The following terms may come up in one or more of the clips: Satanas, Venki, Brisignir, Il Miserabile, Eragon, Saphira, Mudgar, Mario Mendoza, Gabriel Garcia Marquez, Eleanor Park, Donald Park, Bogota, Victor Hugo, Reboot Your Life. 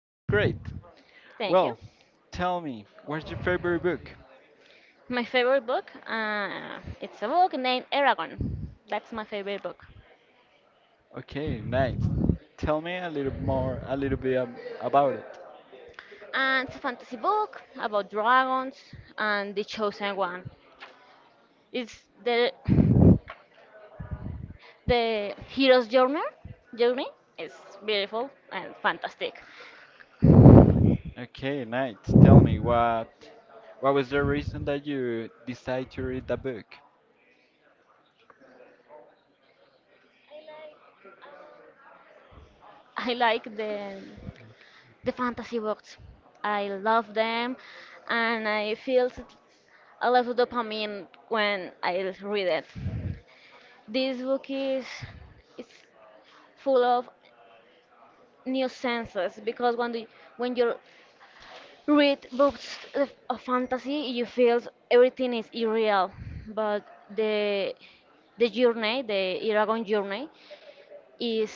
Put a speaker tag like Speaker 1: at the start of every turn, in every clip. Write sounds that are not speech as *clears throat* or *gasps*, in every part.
Speaker 1: That's great.
Speaker 2: thank you.
Speaker 1: Well, tell me, what's your favorite book?
Speaker 2: My favorite book, it's a book named Eragon. That's my favorite book.
Speaker 1: Okay, nice. Tell me a little more, a little bit about it.
Speaker 2: And it's a fantasy book about dragons and the chosen one. It's the hero's journey. Journey is beautiful and fantastic.
Speaker 1: Okay, nice. Tell me what was the reason that you decided to read the book?
Speaker 2: I like the fantasy books. I love them, and a lot of dopamine when I read it. This book is it's full of new senses because when you read books of fantasy, you feel everything is irreal, but the the journey, the Iragon journey, is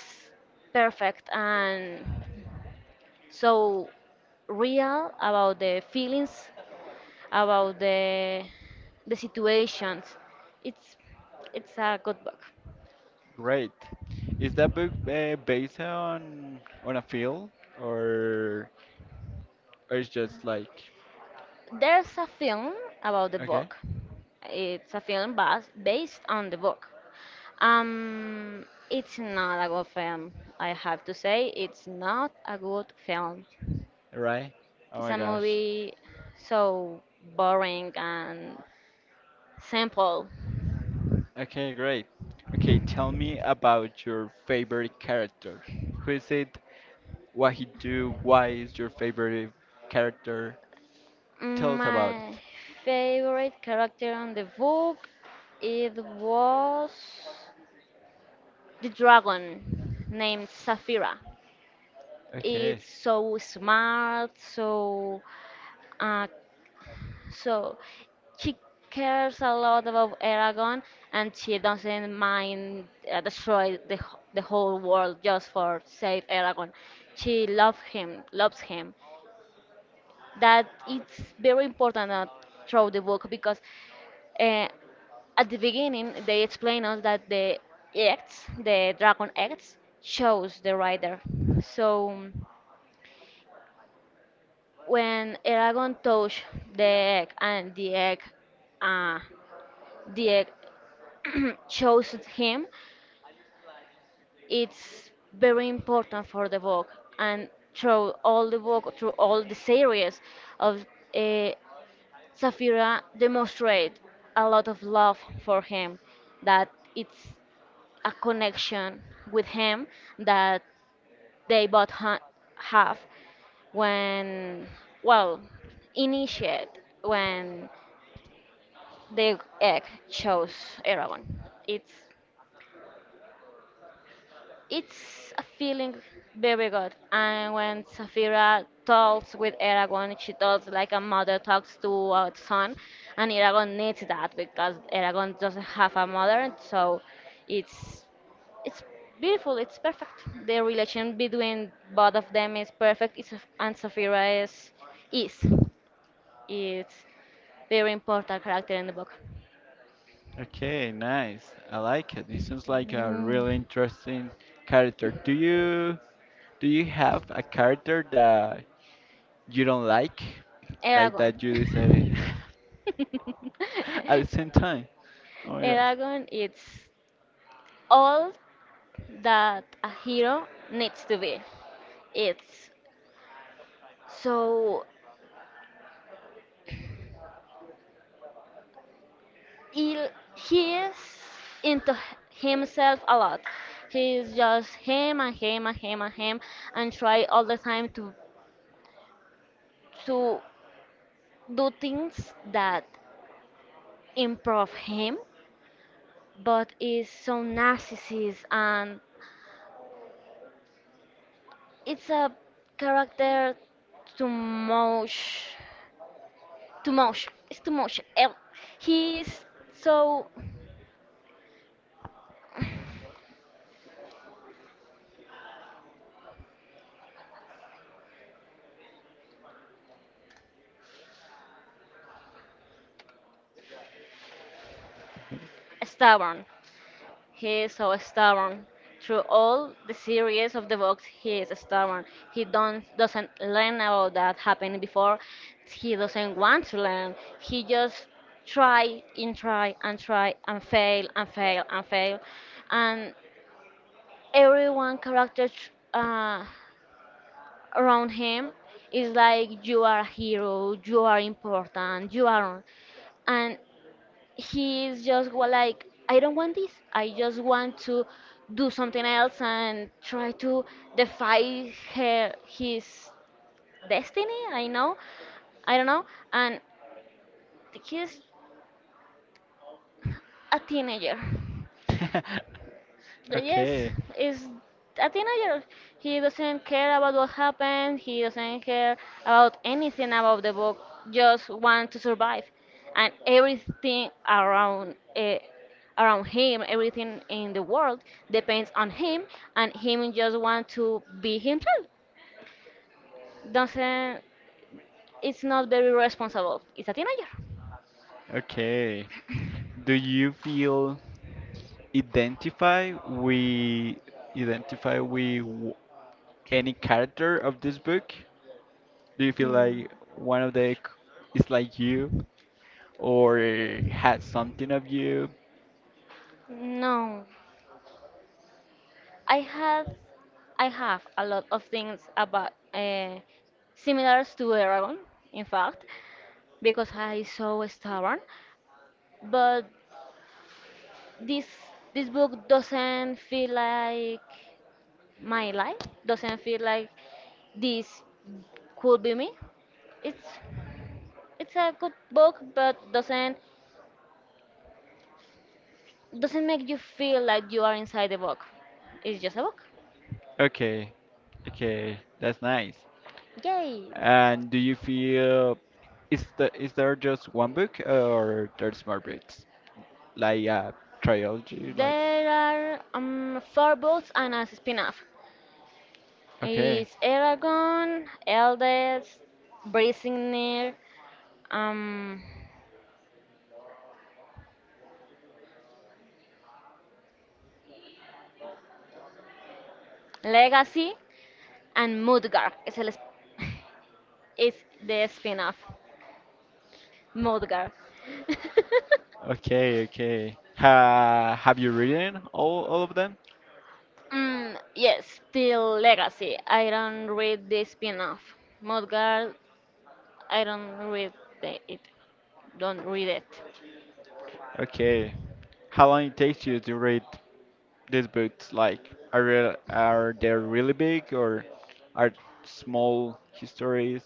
Speaker 2: perfect and so real about the feelings, about the situations. It's it's a good book.
Speaker 1: Great. Is that book based on a film or or it's just like
Speaker 2: There's a film about the
Speaker 1: okay,
Speaker 2: book. It's a based on the book. Um, it's not a good film. I have to say, it's not a good film.
Speaker 1: right? Oh
Speaker 2: It's
Speaker 1: my
Speaker 2: a
Speaker 1: gosh.
Speaker 2: movie so boring and simple.
Speaker 1: Okay, great. Okay, tell me about your favorite character. Who is it? What he do? Why is your favorite character? Tell us about
Speaker 2: My
Speaker 1: it.
Speaker 2: favorite character on the book it was the dragon named Saphira.
Speaker 1: Okay.
Speaker 2: It's so smart, so uh, so she cares a lot about Aragon, and she doesn't mind destroy the whole world just for save Aragon. She loves him, loves him. That it's very important through the book because. uh. at the beginning they explain us that the dragon acts chose the rider, so when Eragon touched the egg and uh, the egg *clears throat* chose him. It's very important for the book, and through all the book, through all the series of uh, Saphira demonstrate a lot of love for him, that it's a connection with him that they have when, well, initiate when the egg chose Eragon. It's It's a feeling very good. And when Safira talks with Eragon, she talks like a mother talks to a son, and Eragon needs that because Eragon doesn't have a mother, and so it's it's beautiful. It's perfect. The relation between both of them is perfect. It's, and Safira is it's very important character in the book.
Speaker 1: Okay, nice. I like it. This sounds like a really
Speaker 2: Mm,
Speaker 1: interesting character. Do you have a character that you don't like? Like
Speaker 2: Eragon.
Speaker 1: that you say *laughs* at the
Speaker 2: *laughs*
Speaker 1: same time. Oh
Speaker 2: A
Speaker 1: my
Speaker 2: dragon it's all that a hero needs to be. It's so he, he is into himself a lot. He's just him and him and him and him and try all the time to do things that improve him, but is so narcissist and it's a character too much too much. It's too much. He's so stubborn. He is so stubborn. Through all the series of the books, he is stubborn. He don't doesn't learn about that happened before. He doesn't want to learn. He just try and try and try and fail and fail and fail. And everyone character tr- uh, around him is like you are a hero, you are important, you are, and he's just like I don't want this, I just want to do something else and try to defy her his destiny, I know, I don't know. And he's a teenager.
Speaker 1: gosh. *laughs*
Speaker 2: The- Yes,
Speaker 1: Okay.
Speaker 2: is a teenager. He doesn't care about what happened. He doesn't care about anything about the book. Just want to survive, and everything around around him, everything in the world depends on him, and him just want to be himself. Doesn't. It's not very responsible. It's a teenager.
Speaker 1: Okay. Do you feel identify we identify with any character of this book? Do you feel
Speaker 2: Mm.
Speaker 1: like one of the is like you *laughs* or has something of you?
Speaker 2: No, I have I have a lot of things about similar to Aragon, in fact, because I is so stubborn. But this this book doesn't feel like my life. Doesn't feel like this could be me. It's it's a good book, but doesn't make you feel like you are inside the book. It's just a book.
Speaker 1: Okay, okay, that's nice.
Speaker 2: Yay!
Speaker 1: And do you feel is the is there just one book or there's more books? Like a trilogy, like
Speaker 2: There are four books and a spin-off.
Speaker 1: okay,
Speaker 2: It's Eragon, Eldest, Brisignir, um, Legacy, and Mudgar. Es el, es- *laughs* es the spin-off. Mudgar. *laughs*
Speaker 1: okay, okay. Ha, have you written all of them?
Speaker 2: Mm, yes, still Legacy. I don't read the spin-off. Mudgar, I don't read the, it. Don't read it.
Speaker 1: Okay. How long it takes you to read these boots like? Are real, are they really big or are small histories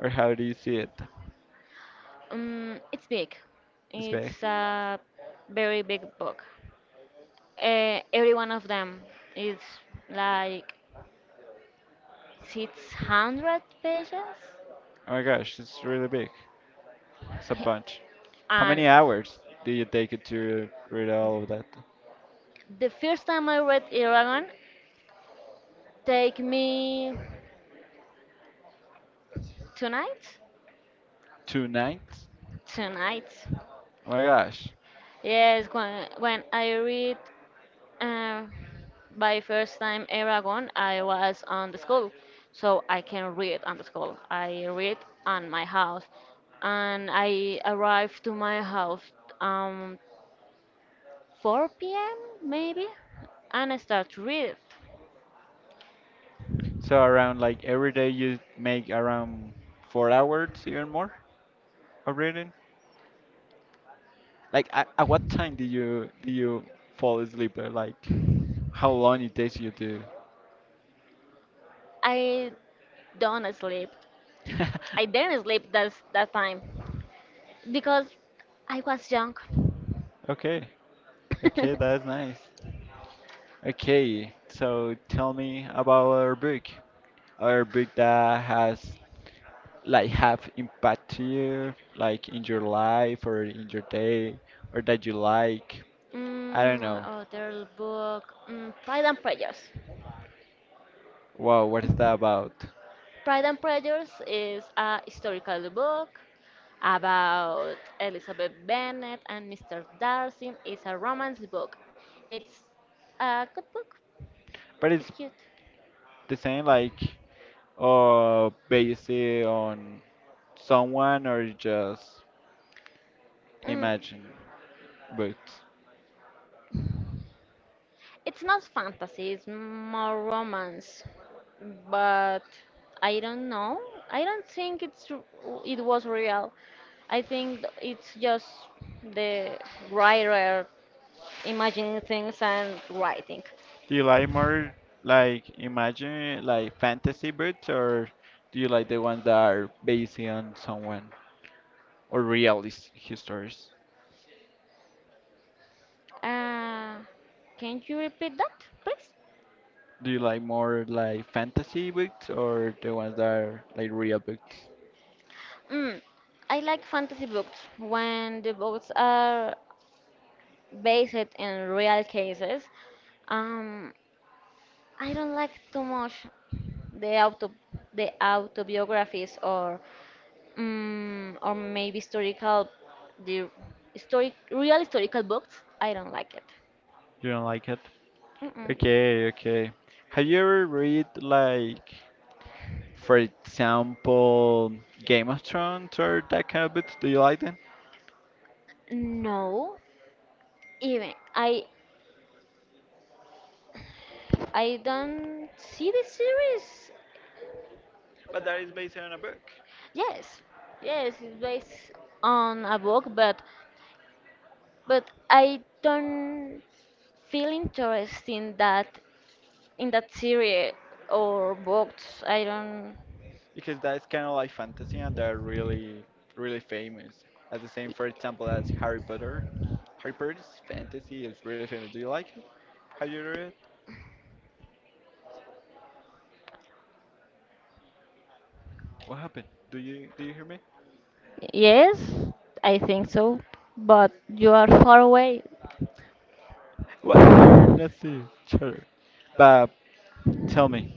Speaker 1: or how do you see it?
Speaker 2: It's big.
Speaker 1: It's big.
Speaker 2: It's a very big book. Every one of them is like 600 pages.
Speaker 1: Oh my gosh, it's really big. It's a
Speaker 2: He-
Speaker 1: bunch. How
Speaker 2: And
Speaker 1: many hours do you take it to read all of that?
Speaker 2: the first time I read Eragon, take me tonight.
Speaker 1: Two nights?
Speaker 2: Tonight.
Speaker 1: Oh my gosh.
Speaker 2: Yes, when I read uh, by first time Eragon, I was on the school. So I can read on the school. I read on my house. And I arrived to my house um, 4 p.m. maybe, and I start to read it.
Speaker 1: So around like every day you make around 4 hours even more of reading? Like at what time do you fall asleep? Or, Like how long it takes you to
Speaker 2: I don't sleep. I
Speaker 1: *laughs*
Speaker 2: didn't sleep that time because I was young.
Speaker 1: okay, okay, that's
Speaker 2: *laughs*
Speaker 1: nice. Okay, so tell me about our book. Our book that has like have impact to you, like in your life or in your day, or that you like. I don't
Speaker 2: Mm,
Speaker 1: know.
Speaker 2: other book, mm, Pride and Prejudice.
Speaker 1: Wow, what is that about?
Speaker 2: Pride and Prejudice is a historical book about Elizabeth Bennet and Mr. Darcy. It's a romance book. It's a good book.
Speaker 1: But it's
Speaker 2: It's cute.
Speaker 1: the same like or based on someone or just
Speaker 2: Mm,
Speaker 1: imagine books.
Speaker 2: it's not fantasy, it's more romance. But I don't know. I don't think it was real. I think it's just the writer imagining things and writing.
Speaker 1: Do you like more like imagine like fantasy books or do you like the ones that are based on someone or realist histories?
Speaker 2: Uh, can you repeat that, please?
Speaker 1: Do you like more like fantasy books or the ones that are like real books?
Speaker 2: Mm, I like fantasy books when the books are based in real cases. Um, I don't like too much the auto the autobiographies or maybe the historic real historical books. I don't like it.
Speaker 1: You don't like it?
Speaker 2: Mm-mm.
Speaker 1: Okay, okay. Have you ever read like for example Game of Thrones or that kind of books? Do you like them?
Speaker 2: No, even I don't see the series.
Speaker 1: But that is based on a book.
Speaker 2: Yes, yes, it's based on a book, but I don't feel interest in that series or books. I don't.
Speaker 1: Because that's kind of like fantasy and they're really really famous as the same for example as Harry Potter. Harry Potter's fantasy is really famous. Do you like it? Have you read it? What happened? Do you hear me?
Speaker 2: Yes, I think so, but you are far away.
Speaker 1: What, we are not seeing each other, but tell me,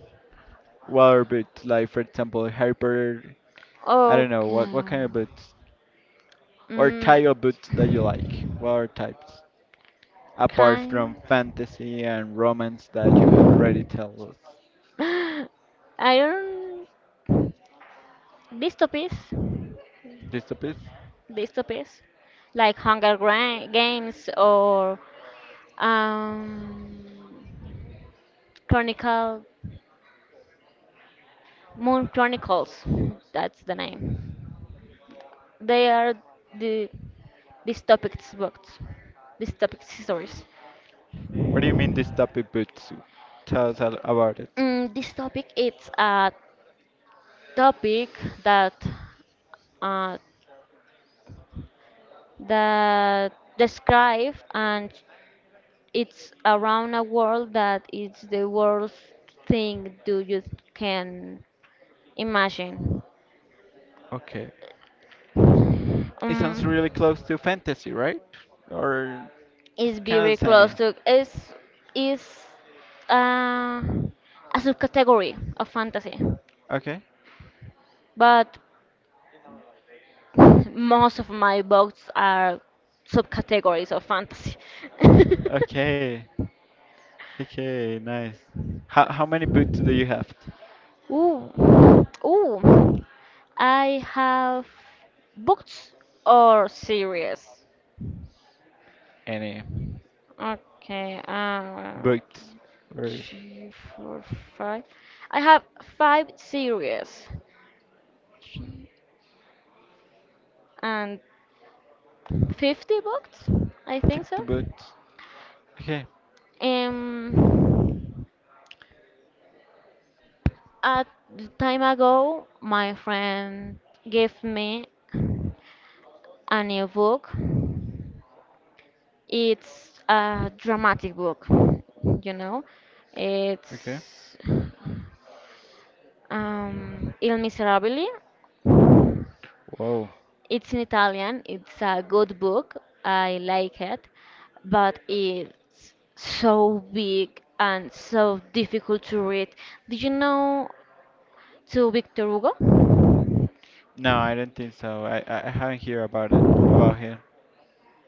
Speaker 1: what are boots like for example Harry Potter? I don't know
Speaker 2: Okay.
Speaker 1: what kind of boots or
Speaker 2: Mm,
Speaker 1: type of boots that you like. What are types apart from
Speaker 2: kind.
Speaker 1: fantasy and romance that you have already told us
Speaker 2: *gasps* I don't. Dystopies.
Speaker 1: this a bit?
Speaker 2: Dystopies. Like Games or um, Chronicle. Moon Chronicles. That's the name. They are the dystopic books. Dystopic stories.
Speaker 1: What do you mean this Dabibutsu? Tell us all about it.
Speaker 2: Mm, this topic it's a topic that uh, that describe, and it's around a world that is the worst thing do you can imagine.
Speaker 1: Okay. It sounds
Speaker 2: Um,
Speaker 1: really close to fantasy, right? Or
Speaker 2: it's
Speaker 1: it's kind
Speaker 2: very
Speaker 1: of the same.
Speaker 2: close to is uh, a subcategory of fantasy,
Speaker 1: Okay.
Speaker 2: but *laughs* most of my books are subcategories of fantasy. *laughs*
Speaker 1: Okay. Okay, nice. How many boots do you have?
Speaker 2: Ooh, ooh, I have books or series.
Speaker 1: Any
Speaker 2: Okay,
Speaker 1: boots or
Speaker 2: three, four, five. I have five series and 50 books, I think
Speaker 1: 50
Speaker 2: so.
Speaker 1: boots? Okay.
Speaker 2: Um, A time ago, my friend gave me a new book. It's a dramatic book, you know.
Speaker 1: Okay.
Speaker 2: It's Il Miserabile.
Speaker 1: Whoa.
Speaker 2: It's in Italian. It's a good book. I like it, but it's so big and so difficult to read. Did you know to Victor Hugo?
Speaker 1: No, I don't think so. I haven't heard about it about him.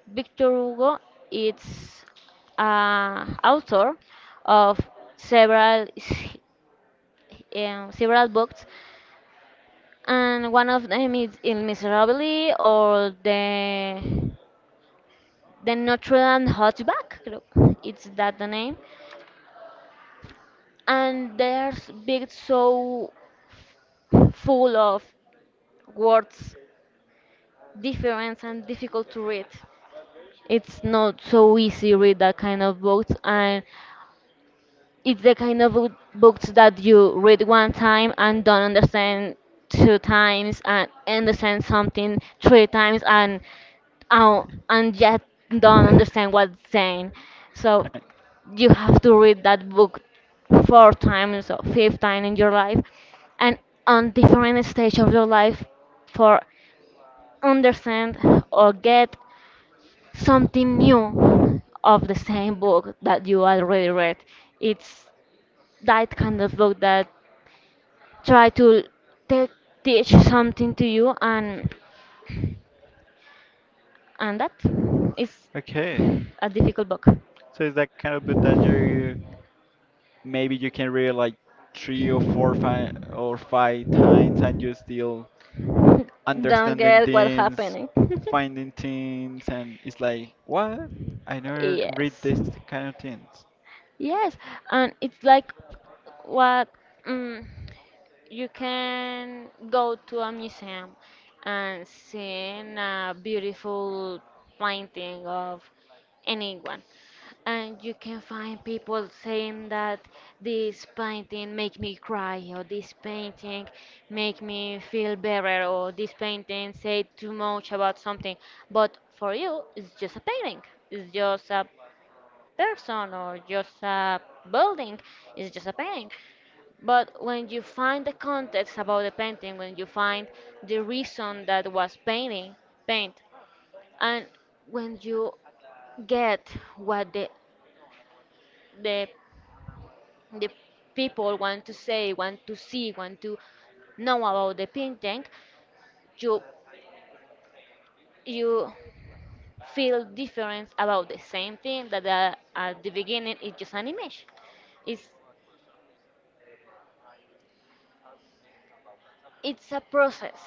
Speaker 2: Victor Hugo is author of several s- several books, and one of them is Il Miserabile or the Notre Dame Hunchback. Creo. It's that the name, and there's big so full of words, different and difficult to read. It's not so easy read that kind of books, and it's the kind of
Speaker 1: *laughs*
Speaker 2: books that you read one time and don't understand, two times and understand something, three times uh, and yet don't understand what's saying. So
Speaker 1: Right.
Speaker 2: you have to read that book four times or five times in your life and on different stage of your life for understand or get something new of the same book that you already read. It's that kind of book that try to te- teach something to you and that is
Speaker 1: Okay.
Speaker 2: a difficult book.
Speaker 1: So is that kind of bit that you maybe you can read like 3 or 4 5 or five times and you still
Speaker 2: *laughs* Don't
Speaker 1: understanding
Speaker 2: get what
Speaker 1: things,
Speaker 2: happening. *laughs*
Speaker 1: finding things and it's like what? I never read
Speaker 2: Yes,
Speaker 1: this kind of things.
Speaker 2: yes, and it's like what, mm, you can go to a museum and see a beautiful painting of anyone. And you can find people saying that this painting make me cry or this painting make me feel better or this painting say too much about something. But for you, it's just a painting. It's just a person or just a building. It's just a painting. But when you find the context about the painting, when you find the reason that was painting, paint, and when you get what the the people want to say, want to see, want to know about the painting, you you feel different about the same thing that at the beginning it's just an image. It's it's a process.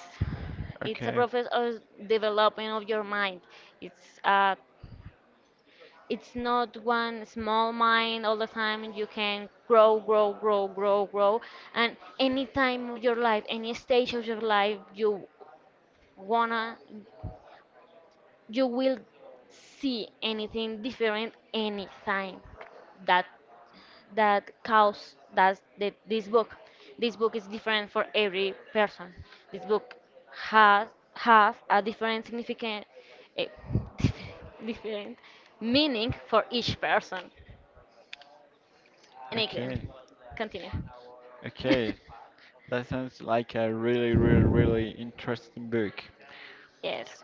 Speaker 2: It's a
Speaker 1: Okay.
Speaker 2: process of developing of your mind. It's a it's not one small mind all the time and you can grow grow grow grow grow, and any time of your life, any stage of your life you wanna you will see anything different anytime that that cause that that this book, this book is different for every person. This book has Have a different significant, eh, *laughs* different meaning for each person. Anything.
Speaker 1: Okay.
Speaker 2: Continue.
Speaker 1: Okay.
Speaker 2: *laughs*
Speaker 1: That sounds like a really, really, really interesting book.
Speaker 2: Yes.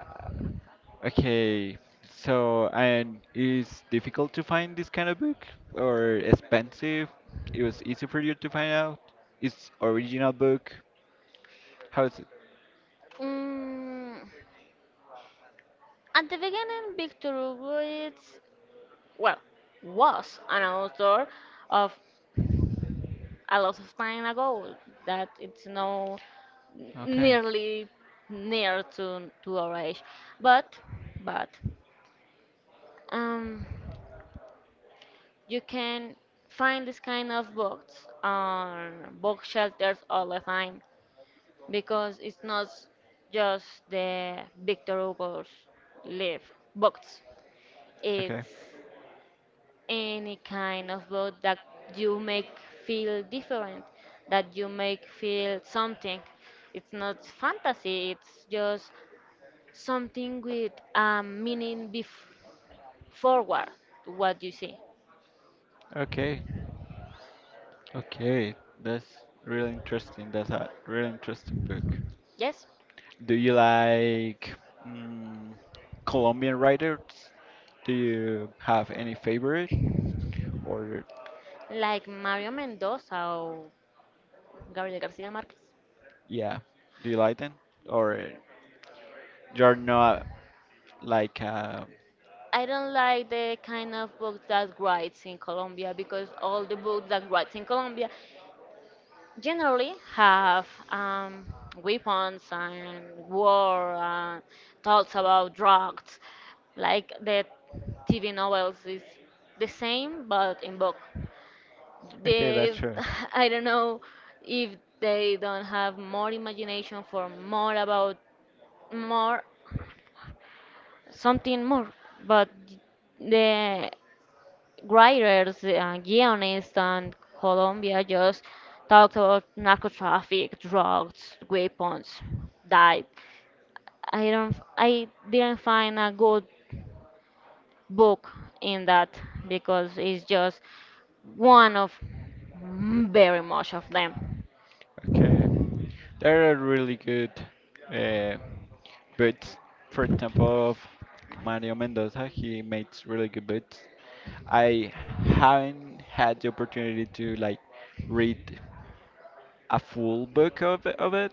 Speaker 1: Okay. So, and is difficult to find this kind of book or expensive? It was easy for you to find out. It's original book. How is it?
Speaker 2: Mm, at the beginning, Victor Hugo is, well, was an author of a lot of time ago that it's no
Speaker 1: Okay.
Speaker 2: nearly near to our age. But, but, um, you can find this kind of books on book shelters all the time, because it's not just the Victor Hugo's live books.
Speaker 1: Okay.
Speaker 2: It's any kind of book that you make feel different, that you make feel something. It's not fantasy. It's just something with a meaning forward to what you see.
Speaker 1: Okay. Okay. That's really interesting. That's a really interesting book.
Speaker 2: Yes,
Speaker 1: Do you like mm, Colombian writers? Do you have any favorite? Or
Speaker 2: like Mario Mendoza or Gabriel Garcia Marquez.
Speaker 1: yeah, do you like them? Or you're not like
Speaker 2: I don't like the kind of books that writes in Colombia because all the books that writes in Colombia generally have weapons and war and talks about drugs. Like the TV novels is the same but in book.
Speaker 1: okay, that's
Speaker 2: They
Speaker 1: true.
Speaker 2: *laughs* I don't know if they don't have more imagination for more about more something more, but the writers, guionists, and Colombia just talked about narco traffic, drugs, weapons, died. I didn't find a good book in that because it's just one of very much of them.
Speaker 1: Okay, there are really good uh, boots. For example, of Mario Mendoza, he makes really good boots. I haven't had the opportunity to like read a full book of it,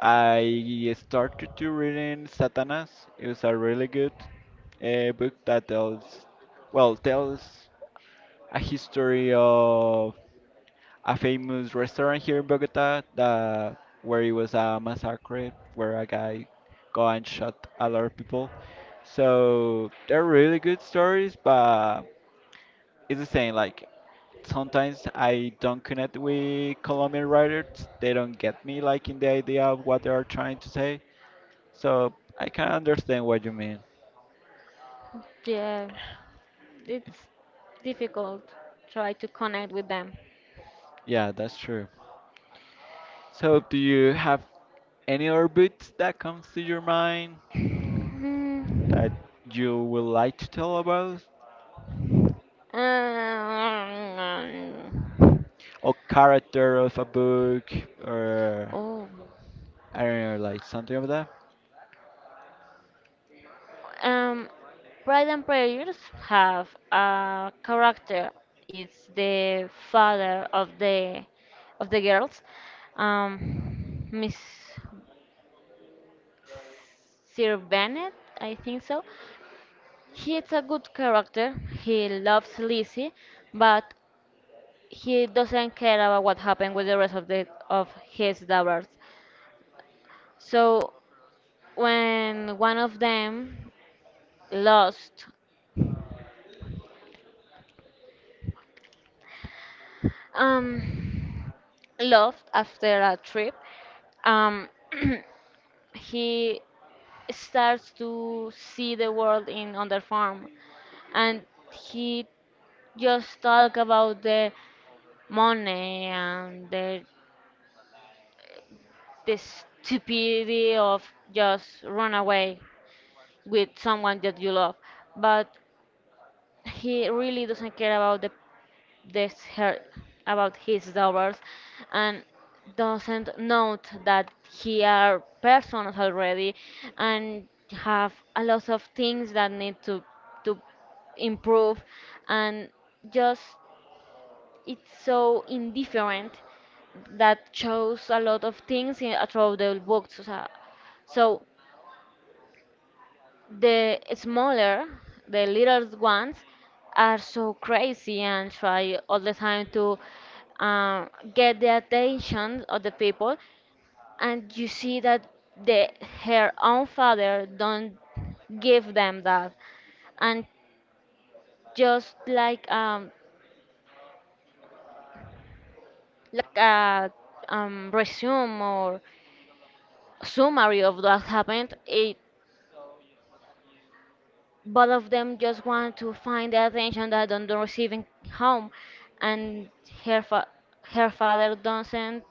Speaker 1: I started to reading Satanas. It was a really good book that tells, well, tells a history of a famous restaurant here in Bogota that where it was a massacre where a guy go and shot a lot of people. So they're really good stories, but it's the same. Like sometimes I don't connect with Colombian writers. They don't get me like in the idea of what they are trying to say. So I can understand what you mean.
Speaker 2: Yeah, it's difficult try to connect with them.
Speaker 1: Yeah, that's true. So do you have any other books that comes to your mind
Speaker 2: Hmm.
Speaker 1: that you would like to tell about?
Speaker 2: Um,
Speaker 1: Or character of a book or
Speaker 2: oh
Speaker 1: I don't know, like something of that?
Speaker 2: Um, Pride and Prejudice have a character. It's the father of the girls, Miss Sir Bennet, I think so. He is a good character. He loves Lizzie, but he doesn't care about what happened with the rest of his daughters. So when one of them lost Um, love after a trip, um, *clears throat* he starts to see the world in on their farm, and he just talk about the money and the stupidity of just run away with someone that you love, but he really doesn't care about the this her about his daughters and doesn't note that he are persons already and have a lot of things that need to improve and just it's so indifferent that shows a lot of things in, throughout the books. So the smaller, the little ones, are so crazy and try all the time to uh, get the attention of the people. And you see that the her own father don't give them that, and just like a resume or summary of what happened, it both of them just want to find the attention that they're receiving home and her fa- her father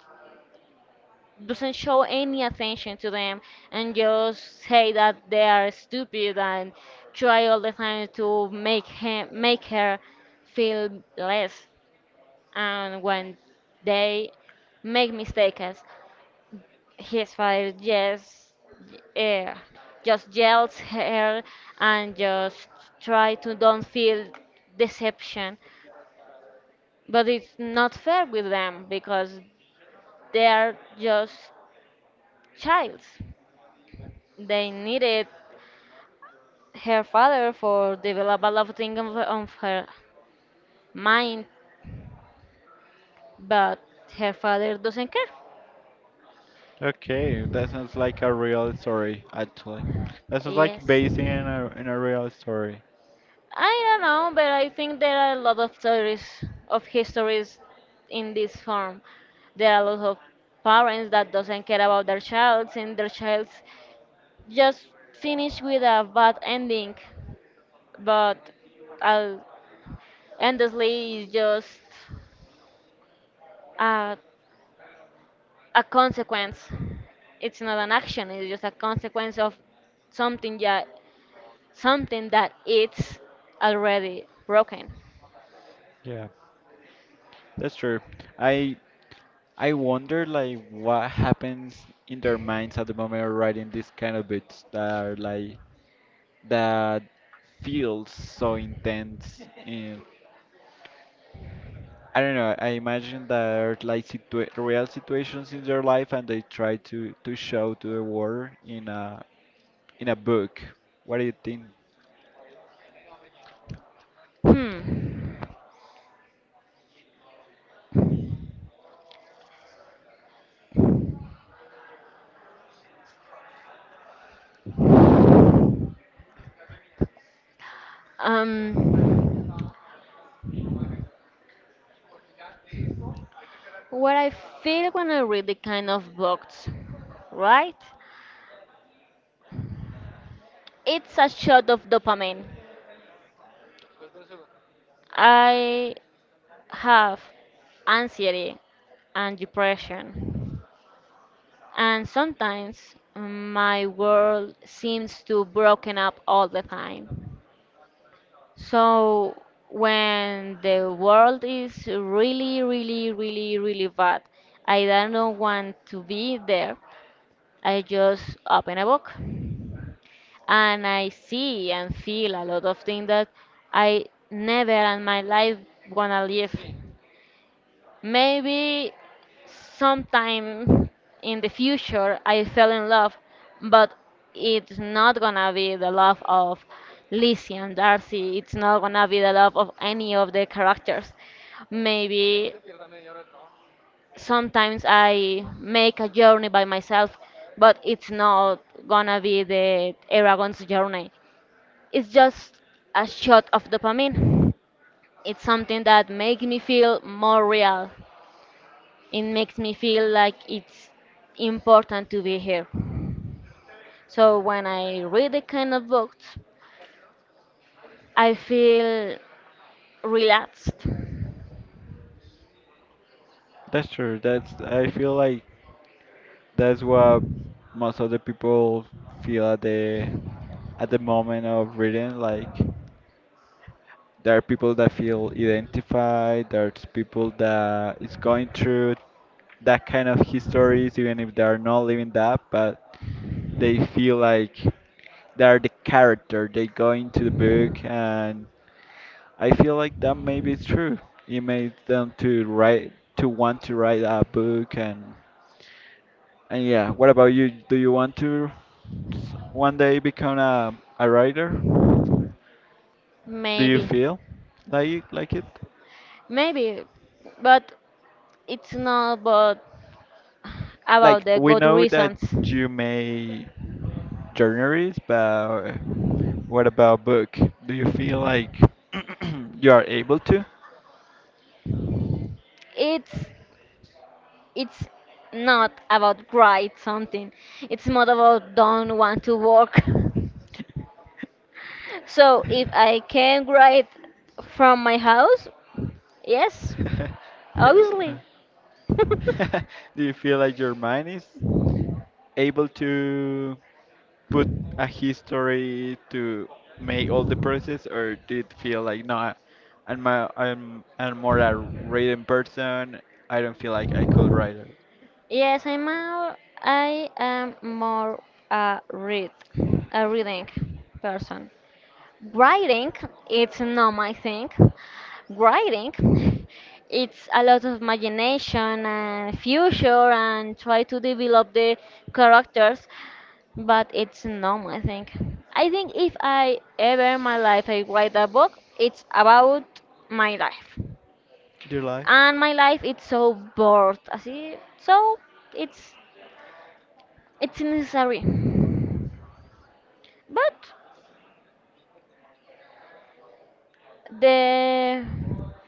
Speaker 2: doesn't show any attention to them and just say that they are stupid and try all the time to make him make her feel less and when they make mistakes his father uh, just yells her and just try to don't feel deception, but it's not fair with them because they are just childs. They needed her father for develop a lot of things of her mind, but her father doesn't care.
Speaker 1: Okay, that sounds like a real story actually. That sounds like
Speaker 2: Yes,
Speaker 1: based in a real story.
Speaker 2: I don't know, but I think there are a lot of stories of histories in this form. There are a lot of parents that doesn't care about their child and their child just finish with a bad ending. But uh, endlessly is just a, a consequence. It's not an action. It's just a consequence of something that something that it's already broken.
Speaker 1: Yeah, that's true. I I wonder like what happens in their minds at the moment of writing these kind of books that are like that feels so intense. And I don't know. I imagine there are like situa real situations in their life, and they try to show to the world in a book. What do you think?
Speaker 2: Hmm. Um, what I feel when I read the kind of books, right? It's a shot of dopamine. I have anxiety and depression, and sometimes my world seems to broken up all the time. So when the world is really, really, really, really bad, I don't want to be there. I just open a book and I see and feel a lot of things that I never in my life wanna live. Maybe sometime in the future I fell in love, but it's not gonna be the love of Lizzie and Darcy. It's not gonna be the love of any of the characters. Maybe sometimes I make a journey by myself, but it's not gonna be the Eragon's journey. It's just a shot of dopamine. It's something that makes me feel more real. It makes me feel like it's important to be here. So when I read the kind of books, I feel relaxed.
Speaker 1: That's true. That's I feel like that's what most of the people feel at the moment of reading. Like there are people that feel identified. There's people that is going through that kind of histories, even if they are not living that, but they feel like they're the character. They go into the book, and I feel like that maybe it's true. It made them to write to want to write a book, and yeah. What about you? Do you want to one day become a writer? Do you
Speaker 2: Maybe,
Speaker 1: feel like it?
Speaker 2: maybe, but it's not about
Speaker 1: Like
Speaker 2: the
Speaker 1: we
Speaker 2: good
Speaker 1: know that
Speaker 2: reasons.
Speaker 1: you may journalist, but what about book? Do you feel like *clears throat* you are able to?
Speaker 2: It's it's not about right something. It's more about don't want to work. *laughs* So if I can write
Speaker 1: *laughs*
Speaker 2: from my house, yes,
Speaker 1: *laughs* Do
Speaker 2: obviously. *laughs*
Speaker 1: you feel like your mind is able to put a history to make all the process, or did it feel like no, I'm a, I'm more a written person. I don't feel like I could write it.
Speaker 2: Yes, I am more. I am more a read a reading person. Writing, it's not my thing. Writing, it's a lot of imagination and future and try to develop the characters, but it's not my thing. I think if I ever in my life I write a book, it's about my life.
Speaker 1: Your life?
Speaker 2: And my life it's so bored, así, so it's it's necessary. But the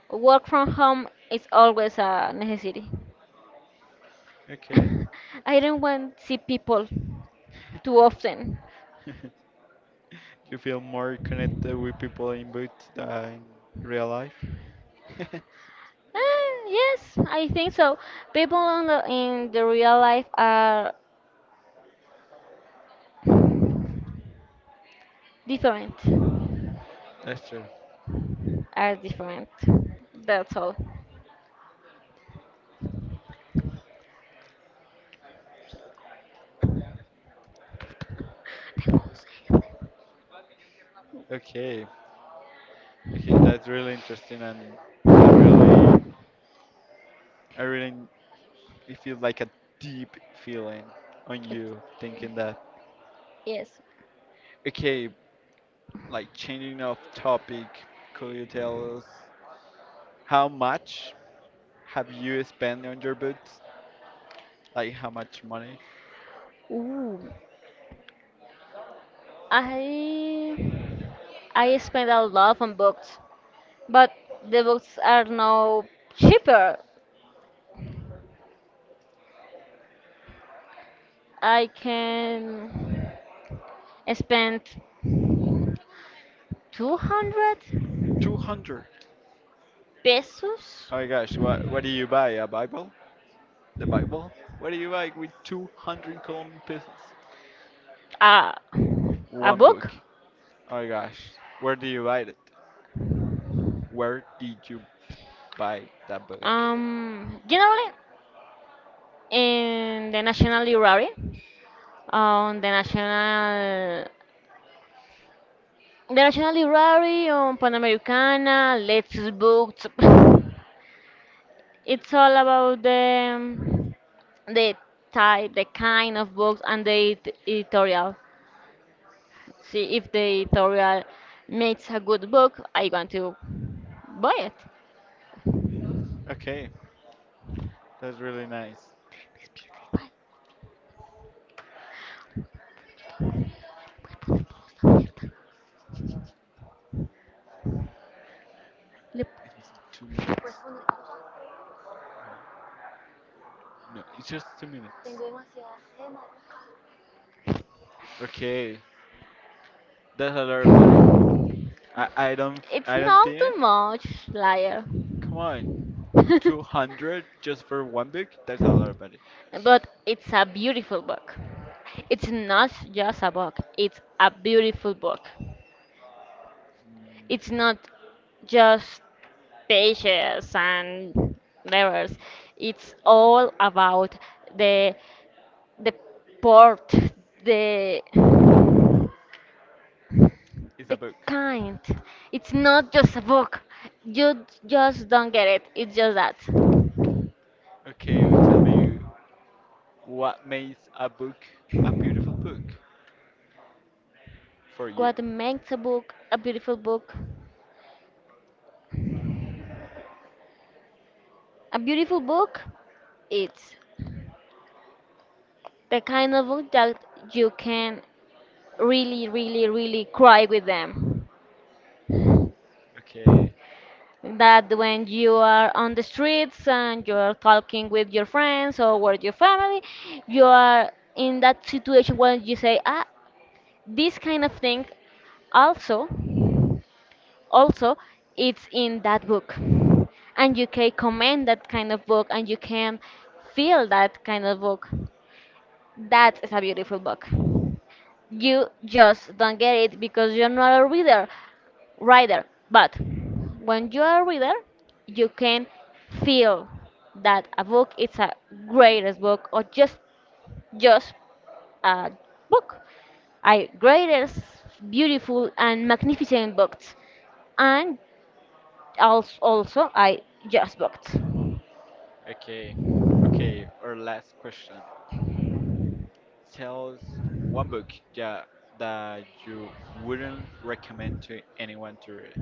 Speaker 2: work from home is always a necessity.
Speaker 1: Okay.
Speaker 2: *laughs* I don't want to see people too often.
Speaker 1: *laughs* You feel more connected with people in books than in real life? *laughs*
Speaker 2: Ah, yes, I think so. People in in the real life are different.
Speaker 1: That's true.
Speaker 2: Are different. That's all. Tengo sed.
Speaker 1: Okay. Okay, that's really interesting and I really I really it feels like a deep feeling on
Speaker 2: It-
Speaker 1: you thinking that.
Speaker 2: Yes.
Speaker 1: Okay, like changing of topic, could you tell us how much have you spent on your boots? Like how much money?
Speaker 2: Ooh. I I spend a lot on books, but the books are now cheaper. I can spend 200
Speaker 1: 200.
Speaker 2: pesos
Speaker 1: Oh my gosh, what do you buy? A Bible? The Bible? What do you buy with 200 Colombian pesos?
Speaker 2: a, a
Speaker 1: One
Speaker 2: book.
Speaker 1: book. Oh my gosh. Where do you buy it? Where did you buy that book?
Speaker 2: Generally in the National Library, on the National Library, on Panamericana, Let's Books. *laughs* It's all about the type, the kind of books, and the editorial. See if the editorial makes a good book, I want to buy it.
Speaker 1: Okay, that's really nice.
Speaker 2: Yep.
Speaker 1: It was in 2 minutes. No, it's just 2 minutes. Okay, that's a lot of money. I, I don't
Speaker 2: It's
Speaker 1: I don't
Speaker 2: not
Speaker 1: think.
Speaker 2: too much, liar.
Speaker 1: Come on, two
Speaker 2: *laughs*
Speaker 1: hundred just for one book? That's a lot of money.
Speaker 2: But it's a beautiful book. It's not just a book, it's a beautiful book.
Speaker 1: Mm,
Speaker 2: It's not just pages and letters. It's all about the the port, the
Speaker 1: it's a
Speaker 2: the
Speaker 1: book.
Speaker 2: kind. It's not just a book. You just don't get it. It's just that.
Speaker 1: Okay, well, tell me what makes a book a beautiful book for you.
Speaker 2: What makes a book a beautiful book? A beautiful book? It's the kind of book that you can really, really, really cry with them.
Speaker 1: Okay,
Speaker 2: That when you are on the streets and you're talking with your friends or with your family, you are in that situation when you say, ah, this kind of thing also. Also, it's in that book and you can comment that kind of book and you can feel that kind of book. That is a beautiful book. You just don't get it because you're not a reader writer, but when you are a reader you can feel that a book is a greatest book or just a book, a greatest beautiful and magnificent books. And also I just booked
Speaker 1: okay, okay. Our last question. Tell us one book yeah, that you wouldn't recommend to anyone to read.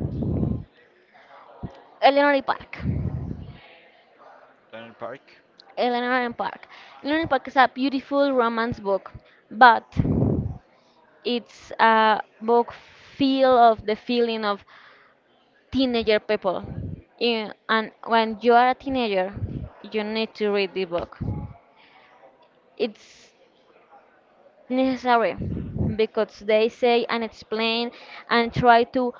Speaker 2: Eleanor Park.
Speaker 1: Donald Park.
Speaker 2: Eleanor Park. Eleanor Park is a beautiful romance book, but it's a book feel of the feeling of teenager people. In, and when you are a teenager, you need to read the book. It's necessary because they say and explain and try to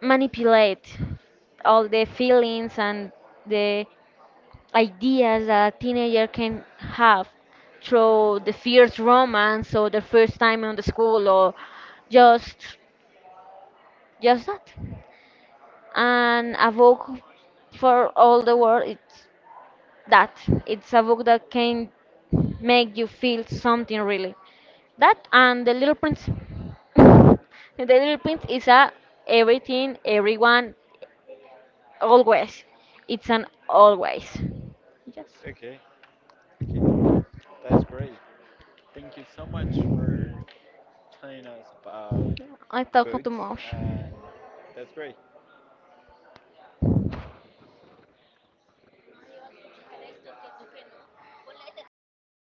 Speaker 2: manipulate all the feelings and the ideas that a teenager can have through the first romance or the first time on the school or just just that, and a book for all the world it's that. It's a book that can make you feel something really. That and the little prince. *laughs* The little prince is a everything everyone always it's an always yes.
Speaker 1: Okay, okay. That's great. Thank you so much for telling us about
Speaker 2: I talk too
Speaker 1: boots.
Speaker 2: much.
Speaker 1: And that's great.